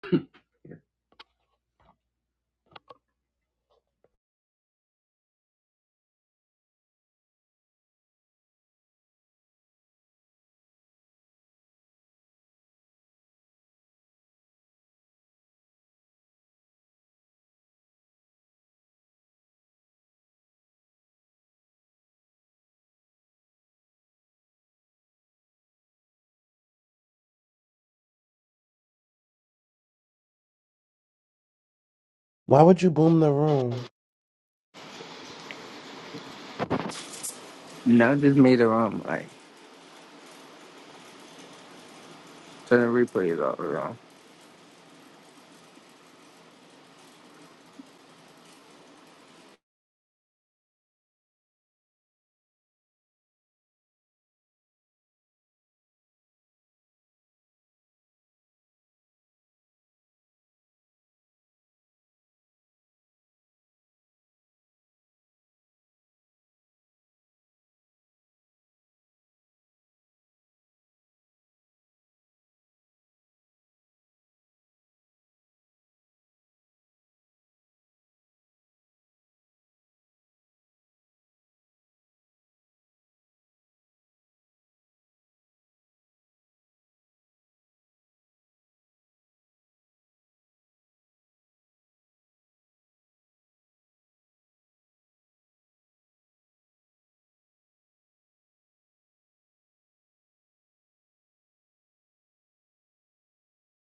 Why would you boom the room? No, I just made it wrong. Like, turn the replays off. Wrong.